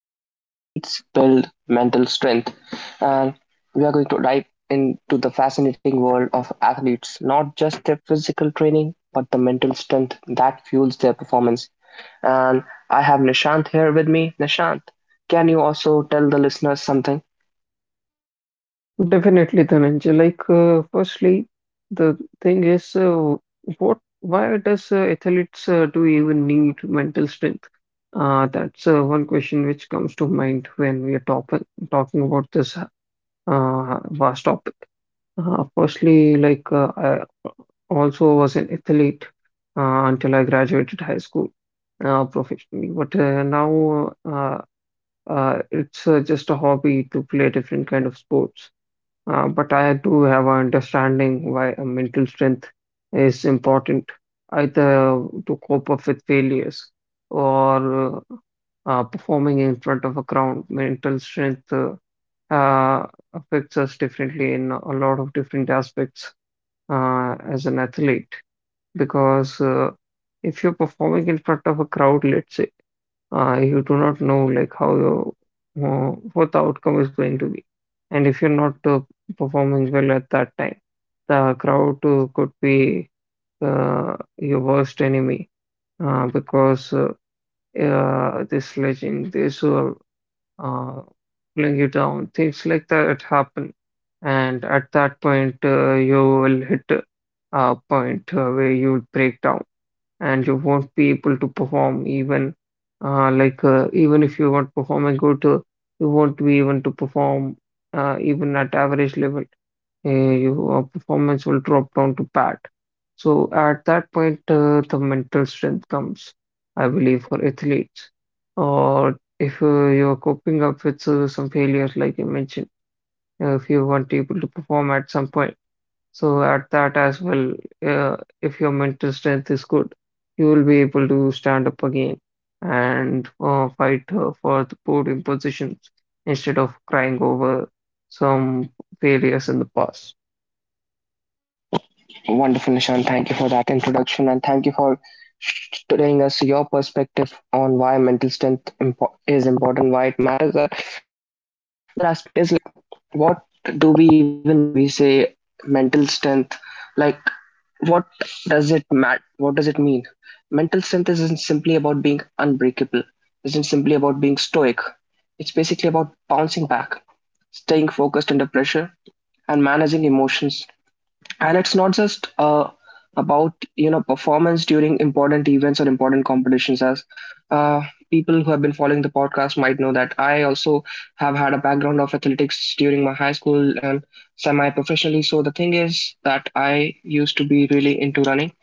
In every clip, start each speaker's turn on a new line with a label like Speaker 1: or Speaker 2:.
Speaker 1: how athletes build mental strength. And we are going to dive into the fascinating world of athletes, not just their physical training, but the mental strength that fuels their performance. And I have Nishant here with me. Nishant, can you also tell the listeners something?
Speaker 2: Definitely, Dhananjay. Firstly, the thing is, what, why does athletes do even need mental strength? That's one question which comes to mind when we are top talking about this vast topic. Firstly, I also was an athlete until I graduated high school professionally, but now it's just a hobby to play different kind of sports. But I do have an understanding why a mental strength is important, either to cope up with failures or performing in front of a crowd. Mental strength uh, affects us differently in a lot of different aspects as an athlete because if you're performing in front of a crowd, let's say you do not know like how your what the outcome is going to be, and if you're not performing well at that time, the crowd could be your worst enemy because this sledging this will uh, pulling you down, things like that happen. And at that point you will hit a point where you break down and you won't be able to perform even even if you want performance good, you won't be able to perform even at average level. uh, your performance will drop down to bad. So at that point the mental strength comes, I believe, for athletes. Or if you're coping up with some failures, like you mentioned, if you weren't able to perform at some point, so at that as well, if your mental strength is good, you will be able to stand up again and fight for the podium positions instead of crying over some failures in the past.
Speaker 1: Wonderful, Nishan. Thank you for that introduction and thank you for telling us your perspective on why mental strength is important, why it matters. The other aspect is like, what do we even mean when we say mental strength? Like, what does it matter? What does it mean? Mental strength isn't simply about being unbreakable, isn't simply about being stoic. It's basically about bouncing back, staying focused under pressure, and managing emotions, and it's not just about performance during important events or important competitions. As uh, people who have been following the podcast might know, that I also have had a background of athletics during my high school and semi professionally so the thing is that I used to be really into running,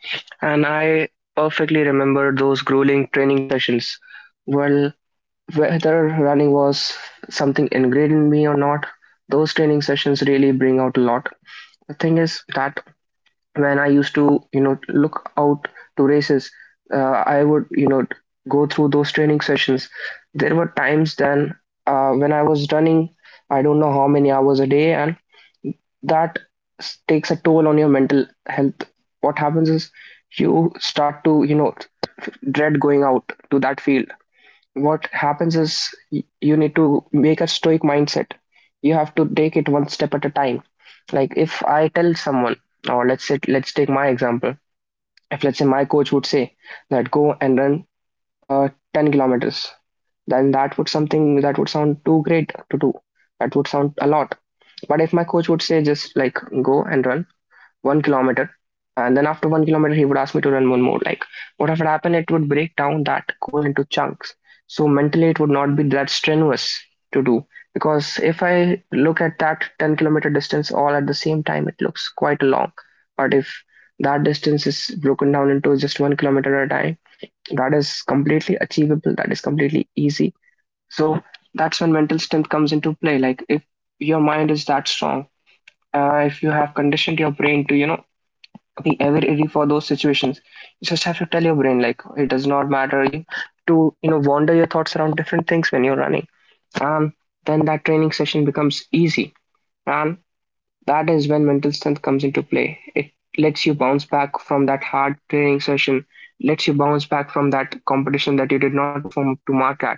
Speaker 1: and I perfectly remember those grueling training sessions. Well, whether running was something ingrained in me or not, those training sessions really bring out a lot. The thing is that when I used to, you know, look out to races, I would, go through those training sessions. There were times then, when I was running, I don't know how many hours a day, and that takes a toll on your mental health. What happens is you start to, you know, dread going out to that field. What happens is you need to make a stoic mindset. You have to take it one step at a time. Like if I tell someone, or let's say, let's take my example. If let's say my coach would say that go and run 10 kilometers, then that would something that would sound too great to do, that would sound a lot. But if my coach would say just like go and run 1 kilometer. And then after 1 kilometer, he would ask me to run one more. Like, what would happen? It would break down that goal into chunks. So mentally, it would not be that strenuous to do, because if I look at that 10-kilometer distance all at the same time, it looks quite long. But if that distance is broken down into just 1 kilometer at a time, that is completely achievable. That is completely easy. So that's when mental strength comes into play. Like if your mind is that strong, if you have conditioned your brain to, you know, be ever ready for those situations. You just have to tell your brain like it does not matter you to, you know, wander your thoughts around different things when you're running. And then that training session becomes easy. And that is when mental strength comes into play. It lets you bounce back from that hard training session, lets you bounce back from that competition that you did not perform to mark at.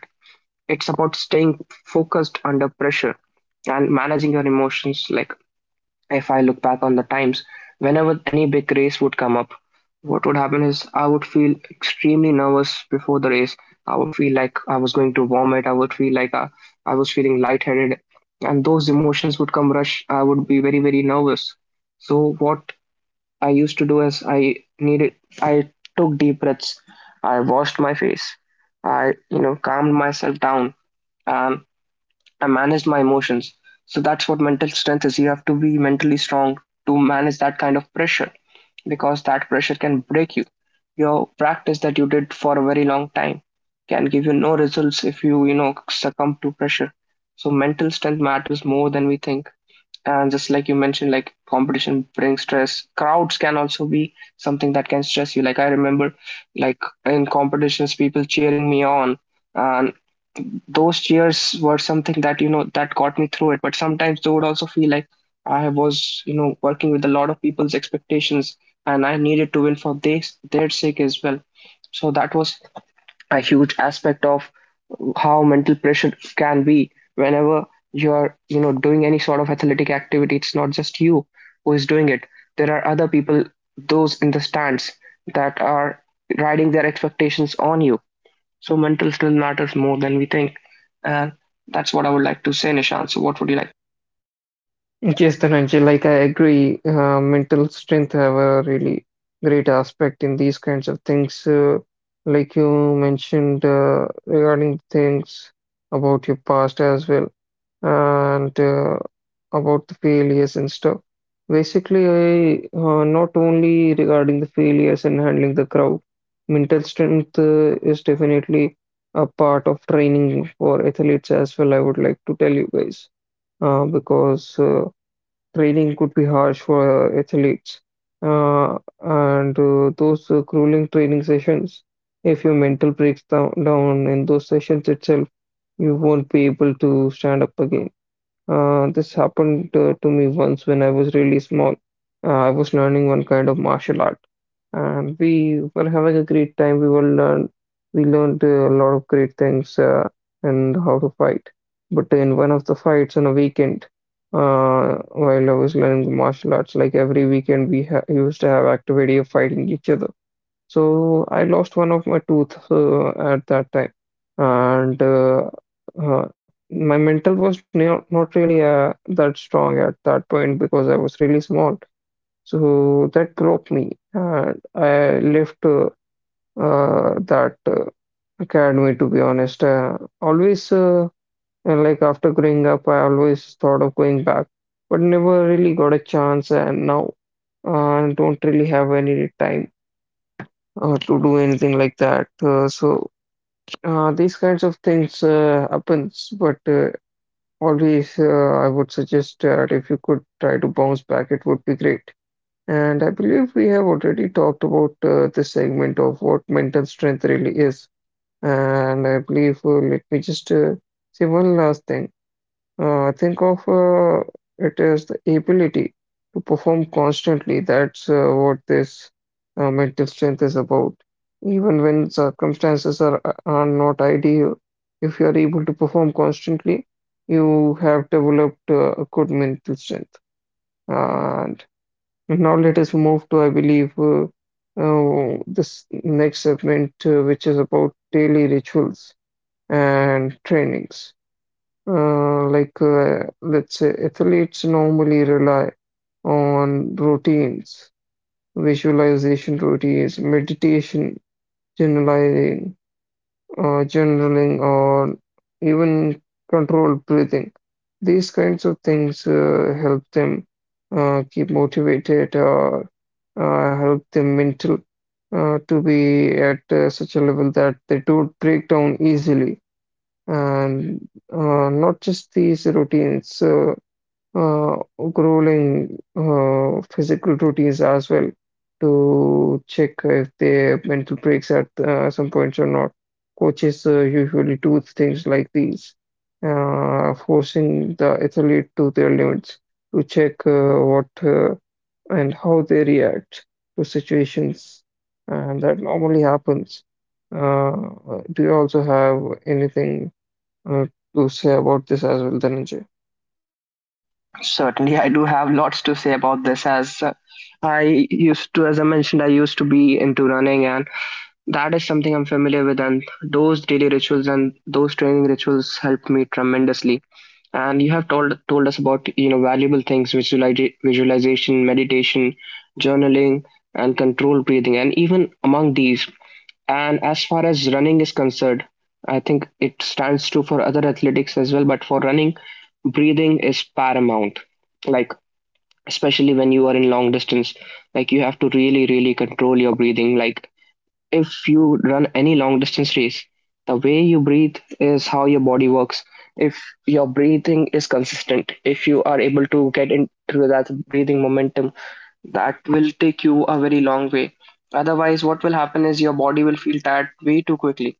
Speaker 1: It's about staying focused under pressure and managing your emotions. Like if I look back on the times, whenever any big race would come up, what would happen is I would feel extremely nervous before the race. I would feel like I was going to vomit. I would feel like I was feeling lightheaded, and those emotions would come rush. I would be very, very nervous. So what I used to do is I took deep breaths. I washed my face. I, you know, calmed myself down, and I managed my emotions. So that's what mental strength is. You have to be mentally strong to manage that kind of pressure, because that pressure can break you. Your practice that you did for a very long time can give you no results if you, you know, succumb to pressure. So mental strength matters more than we think. And just like you mentioned, like competition brings stress. Crowds can also be something that can stress you. Like I remember, like in competitions, people cheering me on, and those cheers were something that, you know, that got me through it. But sometimes they would also feel like I was, you know, working with a lot of people's expectations, and I needed to win for their sake as well. So that was a huge aspect of how mental pressure can be. Whenever you're, you know, doing any sort of athletic activity, it's not just you who is doing it. There are other people, those in the stands, that are riding their expectations on you. So mental still matters more than we think. And that's what I would like to say, Nishant. So what would you like?
Speaker 2: Yes, Dhananjay, like I agree, mental strength have a really great aspect in these kinds of things. Like you mentioned regarding things about your past as well, and about the failures and stuff. Basically, I not only regarding the failures and handling the crowd, mental strength is definitely a part of training for athletes as well. I would like to tell you guys because training could be harsh for athletes, and those grueling training sessions. If your mental breaks down in those sessions itself, you won't be able to stand up again. This happened to me once when I was really small. I was learning one kind of martial art, and we were having a great time. We learned a lot of great things and how to fight. But in one of the fights on a weekend, while I was learning martial arts, like every weekend we ha used to have activity of fighting each other. So I lost one of my tooth at that time, and uh, my mental was not really that strong at that point because I was really small. So that broke me, and I left that academy. To be honest, always, and like after growing up, I always thought of going back, but never really got a chance. And now don't really have any time to do anything like that. So these kinds of things happens, but always I would suggest that if you could try to bounce back, it would be great. And I believe we have already talked about this segment of what mental strength really is. And I believe, let me just say one last thing. Think of it as the ability to perform constantly. That's what this mental strength is about. Even when circumstances are not ideal, if you are able to perform constantly, you have developed a good mental strength. And now let us move to, I believe, this next segment, which is about daily rituals and trainings. Let's say, athletes normally rely on routines, visualization routines, meditation, journaling, or even controlled breathing. These kinds of things help them keep motivated, or help them mental to be at such a level that they don't break down easily. And not just these routines, uh, grueling physical routines as well, to check if their mental breaks at some points or not. Coaches usually do things like these, forcing the athlete to their limits to check what and how they react to situations, and that normally happens. uh, do you also have anything uh, to say about this as well, Dhananjay?
Speaker 1: Certainly, I do have lots to say about this as I used to, as I mentioned, I used to be into running, and that is something I'm familiar with. And those daily rituals and those training rituals helped me tremendously. And you have told us about, you know, valuable things: visualization, meditation, journaling, and controlled breathing. And even among these, and as far as running is concerned, I think it stands true for other athletics as well, but for running, breathing is paramount. Like, especially when you are in long distance, like you have to really, really control your breathing. Like, if you run any long distance race, the way you breathe is how your body works. If your breathing is consistent, if you are able to get into that breathing momentum, that will take you a very long way. Otherwise, what will happen is your body will feel tired way too quickly.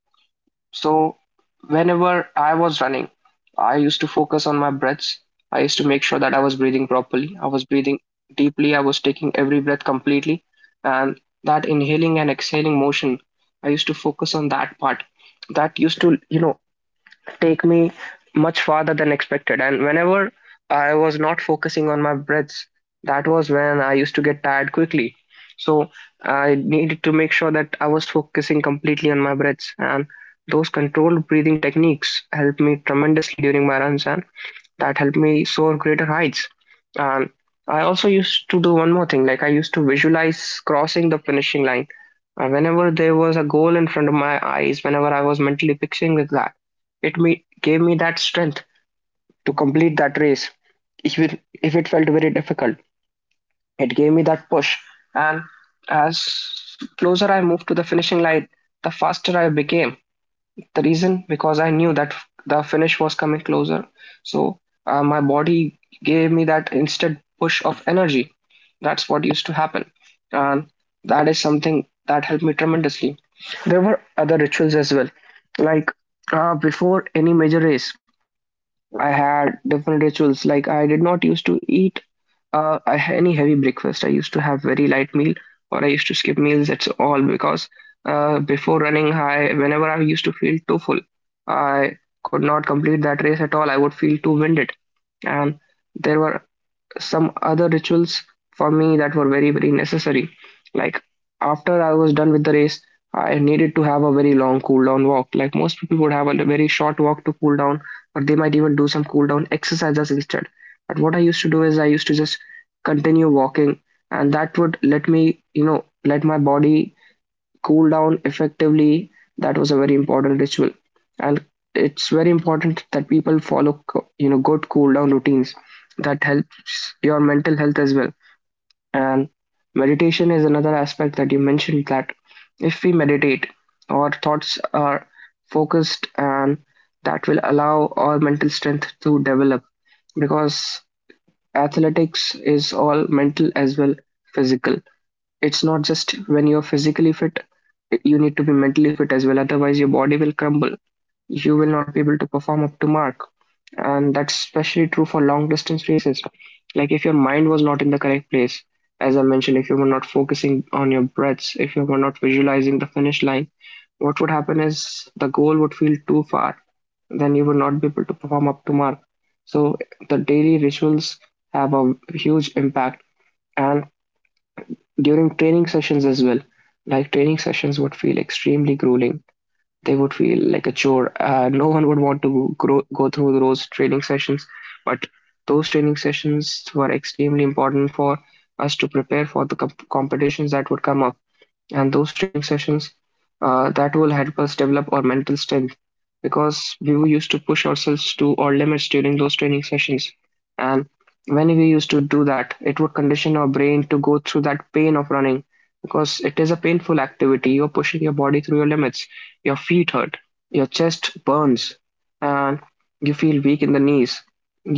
Speaker 1: So, whenever I was running, I used to focus on my breaths. I used to make sure that I was breathing properly. I was breathing deeply. I was taking every breath completely. And that inhaling and exhaling motion, I used to focus on that part. That used to, you know, take me much farther than expected. And whenever I was not focusing on my breaths, that was when I used to get tired quickly. So I needed to make sure that I was focusing completely on my breaths. And those controlled breathing techniques helped me tremendously during my runs. And that helped me soar greater heights. And I also used to do one more thing, like I used to visualize crossing the finishing line. Whenever there was a goal in front of my eyes, whenever I was mentally fixing with that, gave me that strength to complete that race, even if it felt very difficult. It gave me that push. And as closer I moved to the finishing line, the faster I became. The reason because I knew that the finish was coming closer, so my body gave me that instant push of energy. That's what used to happen, and that is something that helped me tremendously. There were other rituals as well, like before any major race, I had different rituals. Like I did not used to eat any heavy breakfast. I used to have very light meal, or I used to skip meals. That's all because before running, I whenever I used to feel too full, I could not complete that race at all. I would feel too winded, and there were some other rituals for me that were very, very necessary. Like after I was done with the race, I needed to have a very long cool down walk. Like most people would have a very short walk to cool down, or they might even do some cool down exercises instead. But what I used to do is I used to just continue walking, and that would let me, you know, let my body cool down effectively. That was a very important ritual. And it's very important that people follow, you know, good cool down routines. That helps your mental health as well. And meditation is another aspect that you mentioned, that if we meditate, our thoughts are focused, and that will allow our mental strength to develop, because athletics is all mental as well, physical. It's not just when you're physically fit, you need to be mentally fit as well, otherwise your body will crumble. You will not be able to perform up to mark, and that's especially true for long distance races. Like, if your mind was not in the correct place, as I mentioned, if you were not focusing on your breaths, if you were not visualizing the finish line, what would happen is the goal would feel too far, then you would not be able to perform up to mark. So the daily rituals have a huge impact. And during training sessions as well, like, training sessions would feel extremely grueling. They would feel like a chore. No one would want to go through those training sessions. But those training sessions were extremely important for us to prepare for the competitions that would come up. And those training sessions, that will help us develop our mental strength, because we were used to push ourselves to our limits during those training sessions. And when we used to do that, it would condition our brain to go through that pain of running, because it is a painful activity. You're pushing your body through your limits. Your feet hurt, your chest burns, and you feel weak in the knees.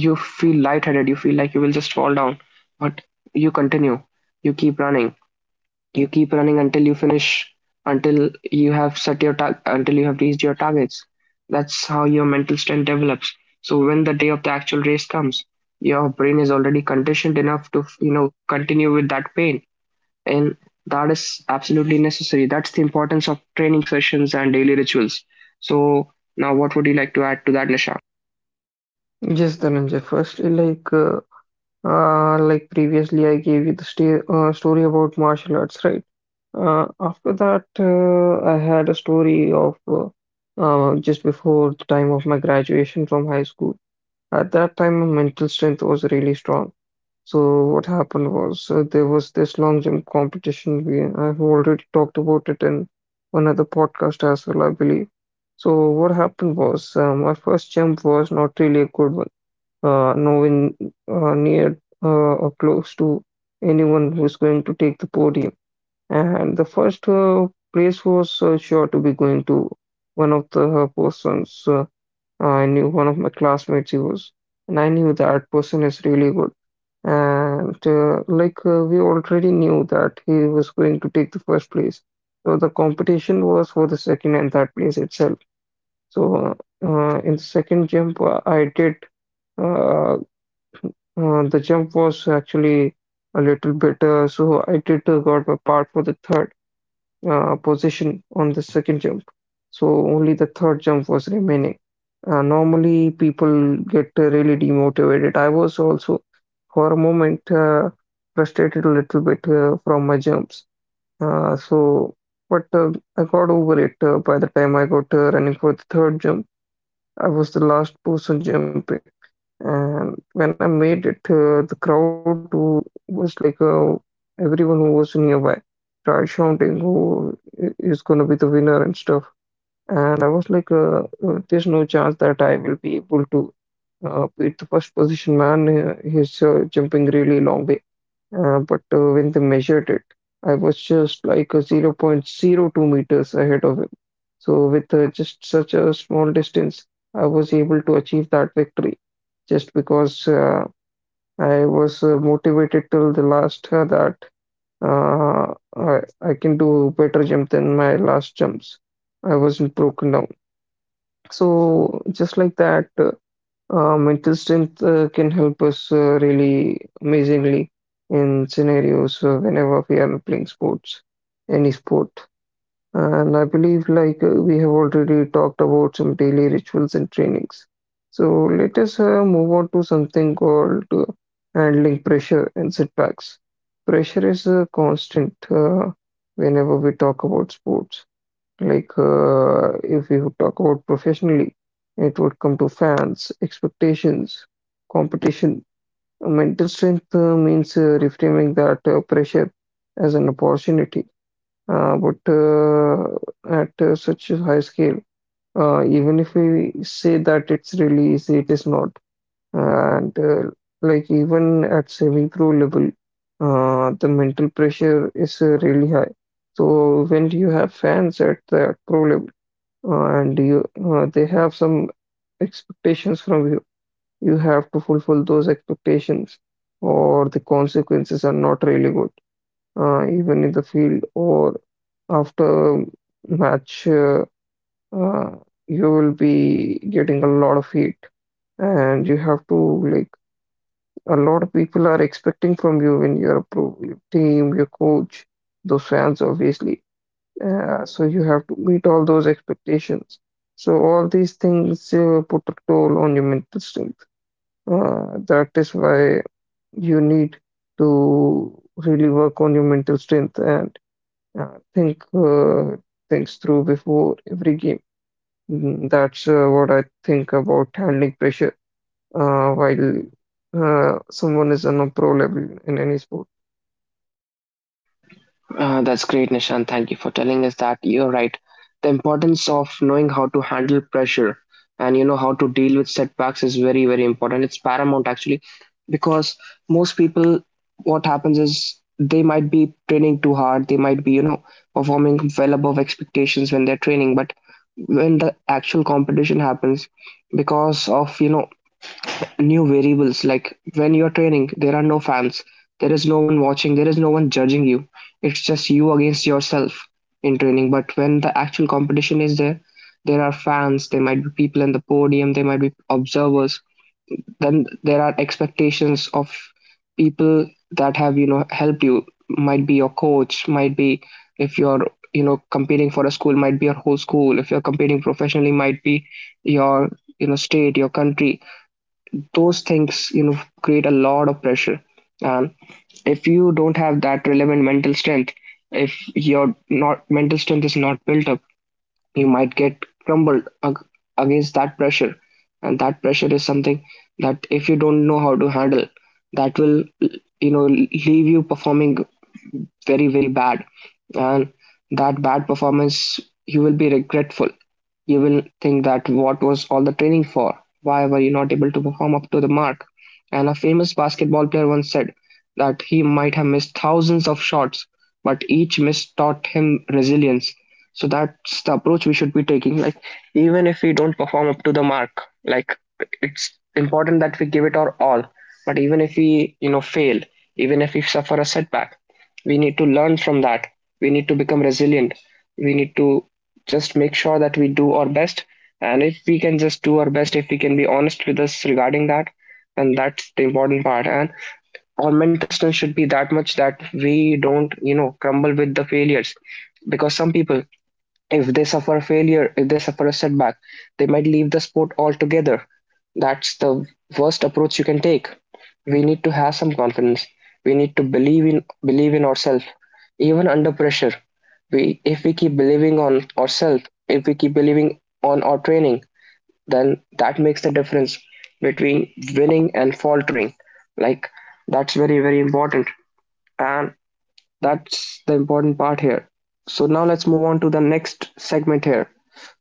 Speaker 1: You feel lightheaded, you feel like you will just fall down. But you continue, you keep running. You keep running until you finish, until you have until you have reached your targets. That's how your mental strength develops. So when the day of the actual race comes, your brain is already conditioned enough to, you know, continue with that pain, and that is absolutely necessary. That's the importance of training sessions and daily rituals. So now, what would you like to add to that, Nisha?
Speaker 2: Yes, Dhananjay. Firstly, like previously, I gave you the sta story about martial arts, right? After that, I had a story of just before the time of my graduation from high school. At that time, my mental strength was really strong. So what happened was, there was this long jump competition. We I've already talked about it in one other podcast as well, I believe. So what happened was, my first jump was not really a good one. Nowhere near or close to anyone who's going to take the podium. And the first place was sure to be going to one of the persons. I knew one of my classmates he was, and I knew that person is really good. And we already knew that he was going to take the first place. So the competition was for the second and third place itself. So in the second jump, I did uh, uh, the jump was actually a little bit, so I did got a part for the third position on the second jump. So only the third jump was remaining. Normally, people get really demotivated. I was also, for a moment, frustrated a little bit from my jumps. Uh, so, but I got over it by the time I got running for the third jump. I was the last person jumping. And when I made it, the crowd, who was like, everyone who was nearby started shouting who is going to be the winner and stuff. And I was like, there's no chance that I will be able to beat the first position man. He's jumping really long way. But when they measured it, I was just like a zero point zero 0.02 meters ahead of him. So, with just such a small distance, I was able to achieve that victory just because I was motivated till the last that I can do better jump than my last jumps. I wasn't broken down. So, just like that, mental strength can help us really amazingly in scenarios whenever we are playing sports, any sport. And I believe, we have already talked about some daily rituals and trainings. So let us move on to something called handling pressure and setbacks. Pressure is constant whenever we talk about sports. Like, if you talk about professionally, it would come to fans, expectations, competition. Mental strength means reframing that pressure as an opportunity. But at such a high scale, even if we say that it's really easy, it is not. And like even at saving throw level, the mental pressure is really high. So when you have fans at the pro level, and you they have some expectations from you. You have to fulfill those expectations, or the consequences are not really good, even in the field or after match. Uh, you will be getting a lot of heat, and you have to, like, a lot of people are expecting from you when you're a pro, your team, your coach, those fans, obviously. So you have to meet all those expectations. So all these things put a toll on your mental strength. That is why you need to really work on your mental strength and think things through before every game. That's what I think about handling pressure while someone is on a pro level in any sport.
Speaker 1: That's great, Nishan. Thank you for telling us that. You're right. The importance of knowing how to handle pressure and, you know, how to deal with setbacks is very, very important. It's paramount, actually, because most people, what happens is they might be training too hard. They might be, you know, performing well above expectations when they're training, but when the actual competition happens, because of, you know, new variables, like when you're training there are no fans, there is no one watching, there is no one judging you. It's just you against yourself in training. But when the actual competition is there, there are fans, there might be people in the podium, there might be observers. Then there are expectations of people that have, you know, helped. You might be your coach, might be, if you're, you know, competing for a school, might be your whole school. If you're competing professionally, might be your, you know, state, your country. Those things, you know, create a lot of pressure. And if you don't have that relevant mental strength, if your not mental strength is not built up, you might get crumbled against that pressure. And that pressure is something that, if you don't know how to handle, that will, you know, leave you performing very, very bad. And that bad performance, you will be regretful. You will think, that what was all the training for? Why were you not able to perform up to the mark? And a famous basketball player once said that he might have missed thousands of shots, but each miss taught him resilience. So that's the approach we should be taking. Like, even if we don't perform up to the mark, like, it's important that we give it our all. But even if we, you know, fail, even if we suffer a setback, we need to learn from that. We need to become resilient. We need to just make sure that we do our best. And if we can just do our best, if we can be honest with us regarding that, and that's the important part. And our mental strength should be that much, that we don't, you know, crumble with the failures. Because some people, if they suffer failure, if they suffer a setback, they might leave the sport altogether. That's the worst approach you can take. We need to have some confidence. We need to believe in ourselves, even under pressure. We, if we keep believing on ourselves, if we keep believing on our training, then that makes the difference between winning and faltering. Like, that's very very important, and that's the important part here. So now let's move on to the next segment here,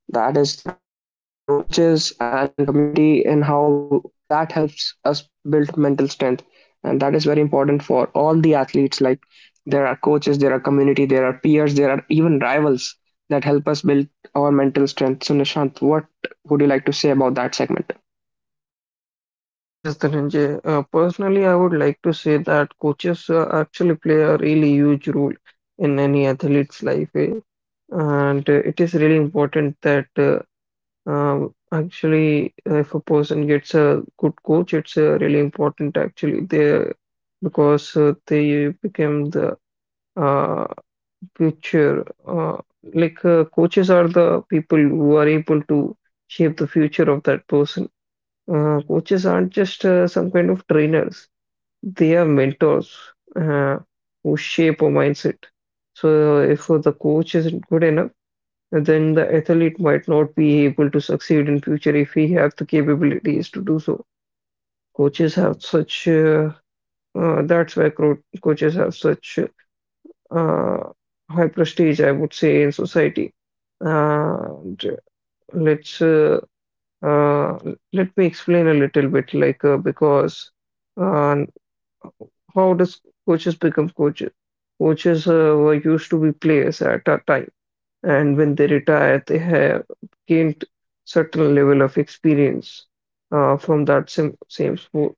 Speaker 1: that is the role of coaches and community, in how that helps us build mental strength. And that is very important for all the athletes. Like, there are coaches, there are community, there are peers, there are even rivals that help us build our mental strength. So, Nishant, what would you like to say about that segment?
Speaker 2: Yes, Dhananjay. Personally, I would like to say that coaches actually play a really huge role in any athlete's life, eh? And it is really important that if a person gets a good coach, it's really important actually they because they become the uh, future. Coaches are the people who are able to shape the future of that person. Coaches aren't just some kind of trainers. They are mentors uh, who shape a mindset. So if the coach isn't good enough, then the athlete might not be able to succeed in future if he have the capabilities to do so. Coaches have such uh, Coaches have such uh, high prestige, I would say, in society. And let's uh, Let me explain a little bit, like because uh, how does coaches become coaches? Coaches were used to be players at a time, and when they retire, they have gained certain level of experience from that same sport.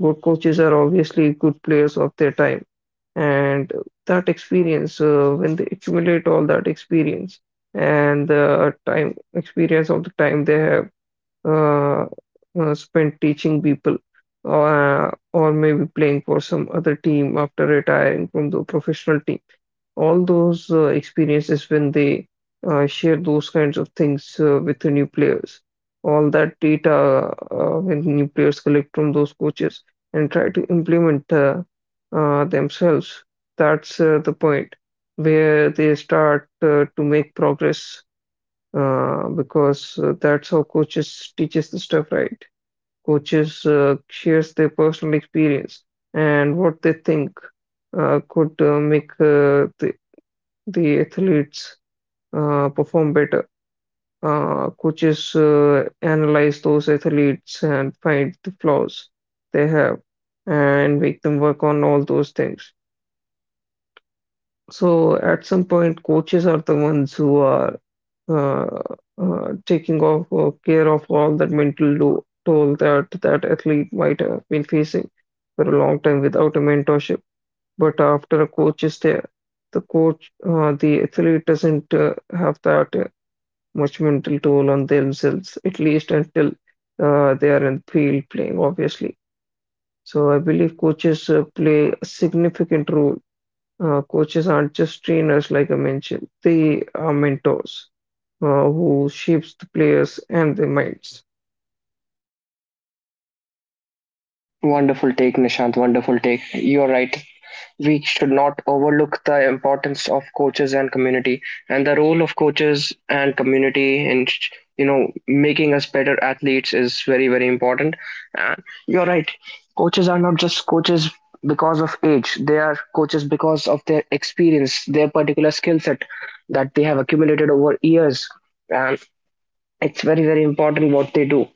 Speaker 2: Good coaches are obviously good players of their time, and that experience, when they accumulate all that experience and the time experience of the time they have uh, spent teaching people or maybe playing for some other team after retiring from the professional team. All those experiences when they share those kinds of things with the new players, all that data when new players collect from those coaches and try to implement themselves, that's the point where they start to make progress because that's how coaches teaches the stuff, right? Coaches shares their personal experience and what they think could make the athletes perform better. Coaches analyze those athletes and find the flaws they have and make them work on all those things. So at some point, coaches are the ones who are uh, taking off care of all that mental toll that that athlete might have been facing for a long time without a mentorship. But after a coach is there, the athlete doesn't have that much mental toll on themselves, at least until they are in field playing, obviously. So I believe coaches play a significant role. Coaches aren't just trainers, like I mentioned, they are mentors who shapes the players and their minds.
Speaker 1: Wonderful take, Nishant. Wonderful take. You're right. We should not overlook the importance of coaches and community, and the role of coaches and community in, you know, making us better athletes is very very important. And you're right, coaches are not just coaches because of age. They are coaches because of their experience, their particular skill set that they have accumulated over years. And it's very very important what they do.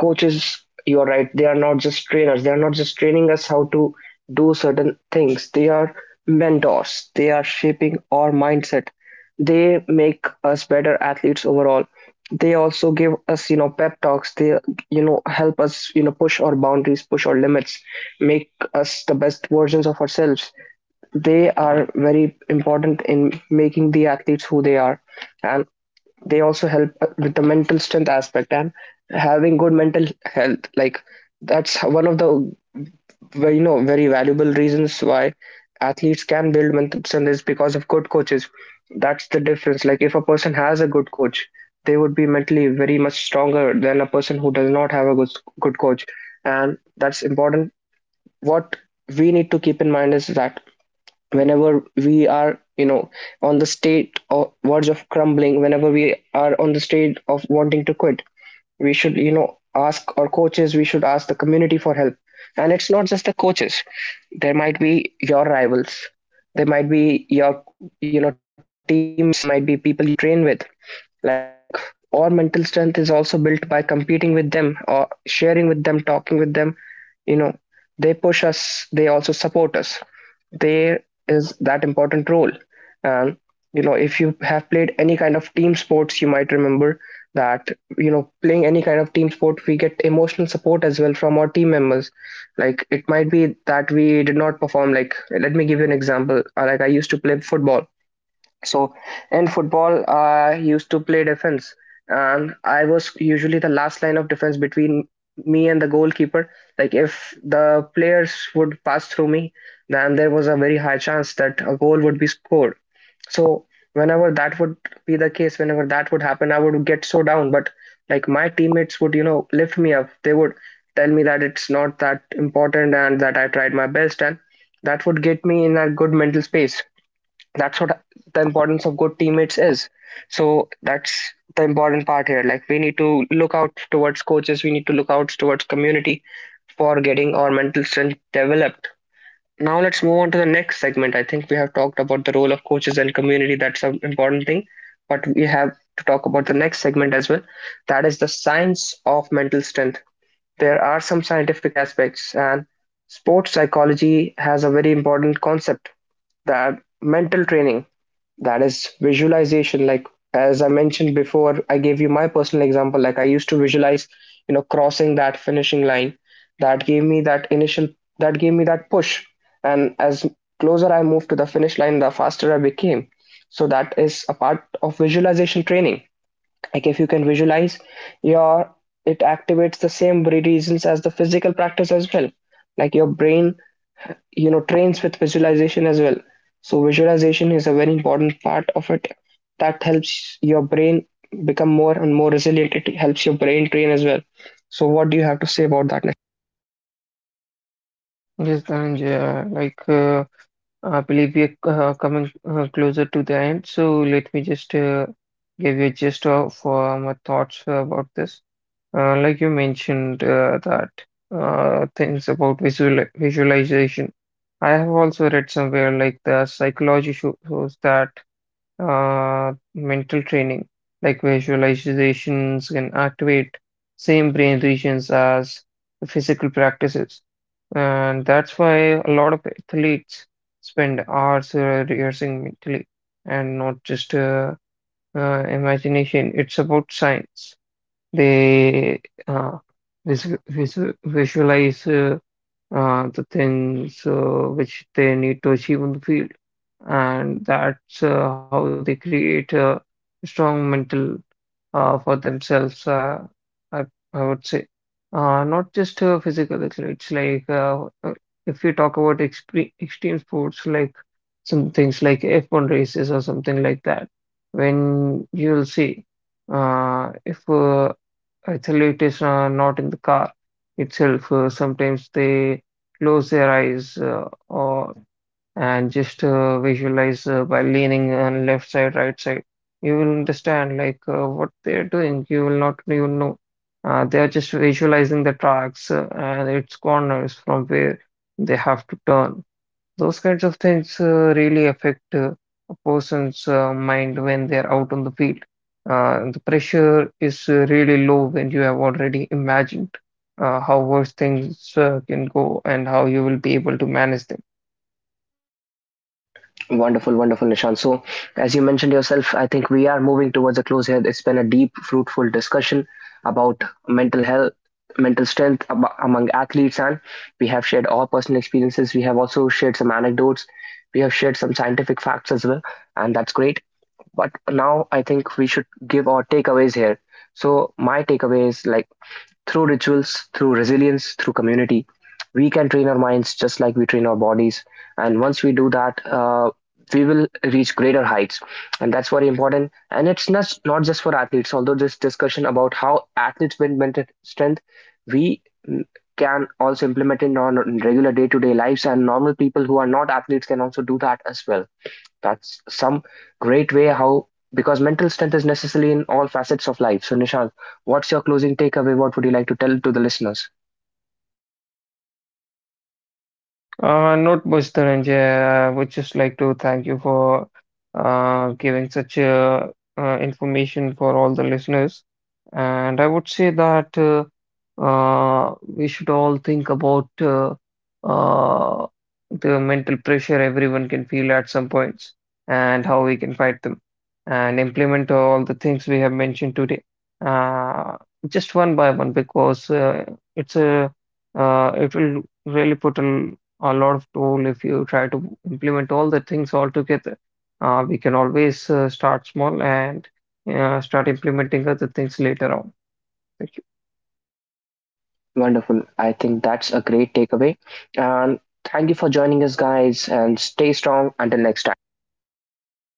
Speaker 1: Coaches, you're right, they are not just trainers. They are not just training us how to do certain things. They are mentors, they are shaping our mindset. They make us better athletes overall. They also give us, you know, pep talks. They, you know, help us, you know, push our boundaries, push our limits, make us the best versions of ourselves. They are very important in making the athletes who they are. And they also help with the mental strength aspect and having good mental health. Like, that's how- one of the very, you know, very valuable reasons why athletes can build mental strength is because of good coaches. That's the difference. Like, if a person has a good coach, they would be mentally very much stronger than a person who does not have a good coach. And that's important. What we need to keep in mind is that whenever we are, you know, on the state or verge of crumbling, whenever we are on the state of wanting to quit, we should, you know, ask our coaches, we should ask the community for help. And it's not just the coaches. There might be your rivals, there might be your, you know, teammates, there might be people you train with. Like, our mental strength is also built by competing with them or sharing with them, talking with them. You know, they push us, they also support us. There is that important role. um, you know, if you have played any kind of team sports, you might remember that, you know, playing any kind of team sport, we get emotional support as well from our team members. Like, it might be that we did not perform. Like, let me give you an example. Like, I used to play football. So in football, I used to play defense, and I was usually the last line of defense between me and the goalkeeper. Like, if the players would pass through me, then there was a very high chance that a goal would be scored. So whenever that would be the case, whenever that would happen, I would get so down. But like, my teammates would, you know, lift me up. They would tell me that it's not that important and that I tried my best, and that would get me in a good mental space. That's what the importance of good teammates is. So that's the important part here. Like, we need to look out towards coaches, we need to look out towards community for getting our mental strength developed. Now let's move on to the next segment. I think we have talked about the role of coaches and community. That's an important thing. But we have to talk about the next segment as well. That is the science of mental strength. There are some scientific aspects and sports psychology has a very important concept, that mental training, that is visualization. Like, as I mentioned before, I gave you my personal example. Like, I used to visualize, you know, crossing that finishing line. That gave me that initial, that gave me that push. And as closer I moved to the finish line, the faster I became. So that is a part of visualization training. Like, if you can visualize your, it activates the same reasons as the physical practice as well. Like, your brain, you know, trains with visualization as well. So visualization is a very important part of it. That helps your brain become more and more resilient. It helps your brain train as well. So what do you have to say about that?
Speaker 2: Yes, Dhananjay, I believe we are coming closer to the end, so let me just give you a gist of my thoughts about this. Like you mentioned that things about visualization. I have also read somewhere like the psychology shows that mental training, like visualizations can activate same brain regions as the physical practices. And that's why a lot of athletes spend hours rehearsing mentally and not just imagination. It's about science. They uh, vis vis visualize the things which they need to achieve on the field. And that's how they create a strong mental for themselves, I, I would say. Not just physical athletes, if you talk about expre extreme sports, like some things like F1 races or something like that, when you'll see if Actually, it is not in the car itself. Sometimes they close their eyes or and just visualize by leaning on left side, right side. You will understand what they're doing. You will not even know. They are just visualizing the tracks and its corners from where they have to turn. Those kinds of things really affect a person's mind when they're out on the field. The pressure is really low when you have already imagined how worse things can go and how you will be able to manage them.
Speaker 1: Wonderful, wonderful, Nishan. So, as you mentioned yourself, I think we are moving towards a close here. It's been a deep, fruitful discussion about mental health, mental strength among athletes, and we have shared our personal experiences. We have also shared some anecdotes. We have shared some scientific facts as well, and that's great. But now I think we should give our takeaways here. So, my takeaway is, like, through rituals, through resilience, through community, we can train our minds just like we train our bodies. And once we do that, we will reach greater heights. And that's very important. And it's not, not just for athletes. Although this discussion about how athletes build mental strength, we mm, can also implement it on regular day to day lives, and normal people who are not athletes can also do that as well. That's some great way how, because mental strength is necessary in all facets of life. So Nishant, what's your closing takeaway? What would you like to tell to the listeners?
Speaker 2: Not much, Dhananjay. I would just like to thank you for giving such information for all the listeners. And I would say that we should all think about uh, the mental pressure everyone can feel at some points and how we can fight them and implement all the things we have mentioned today uh, just one by one because it's a it will really put a lot of tool. If you try to implement all the things all together. We can always start small and start implementing other things later on. Thank you.
Speaker 1: Wonderful. I think that's a great takeaway. And thank you for joining us guys, and stay strong until next time.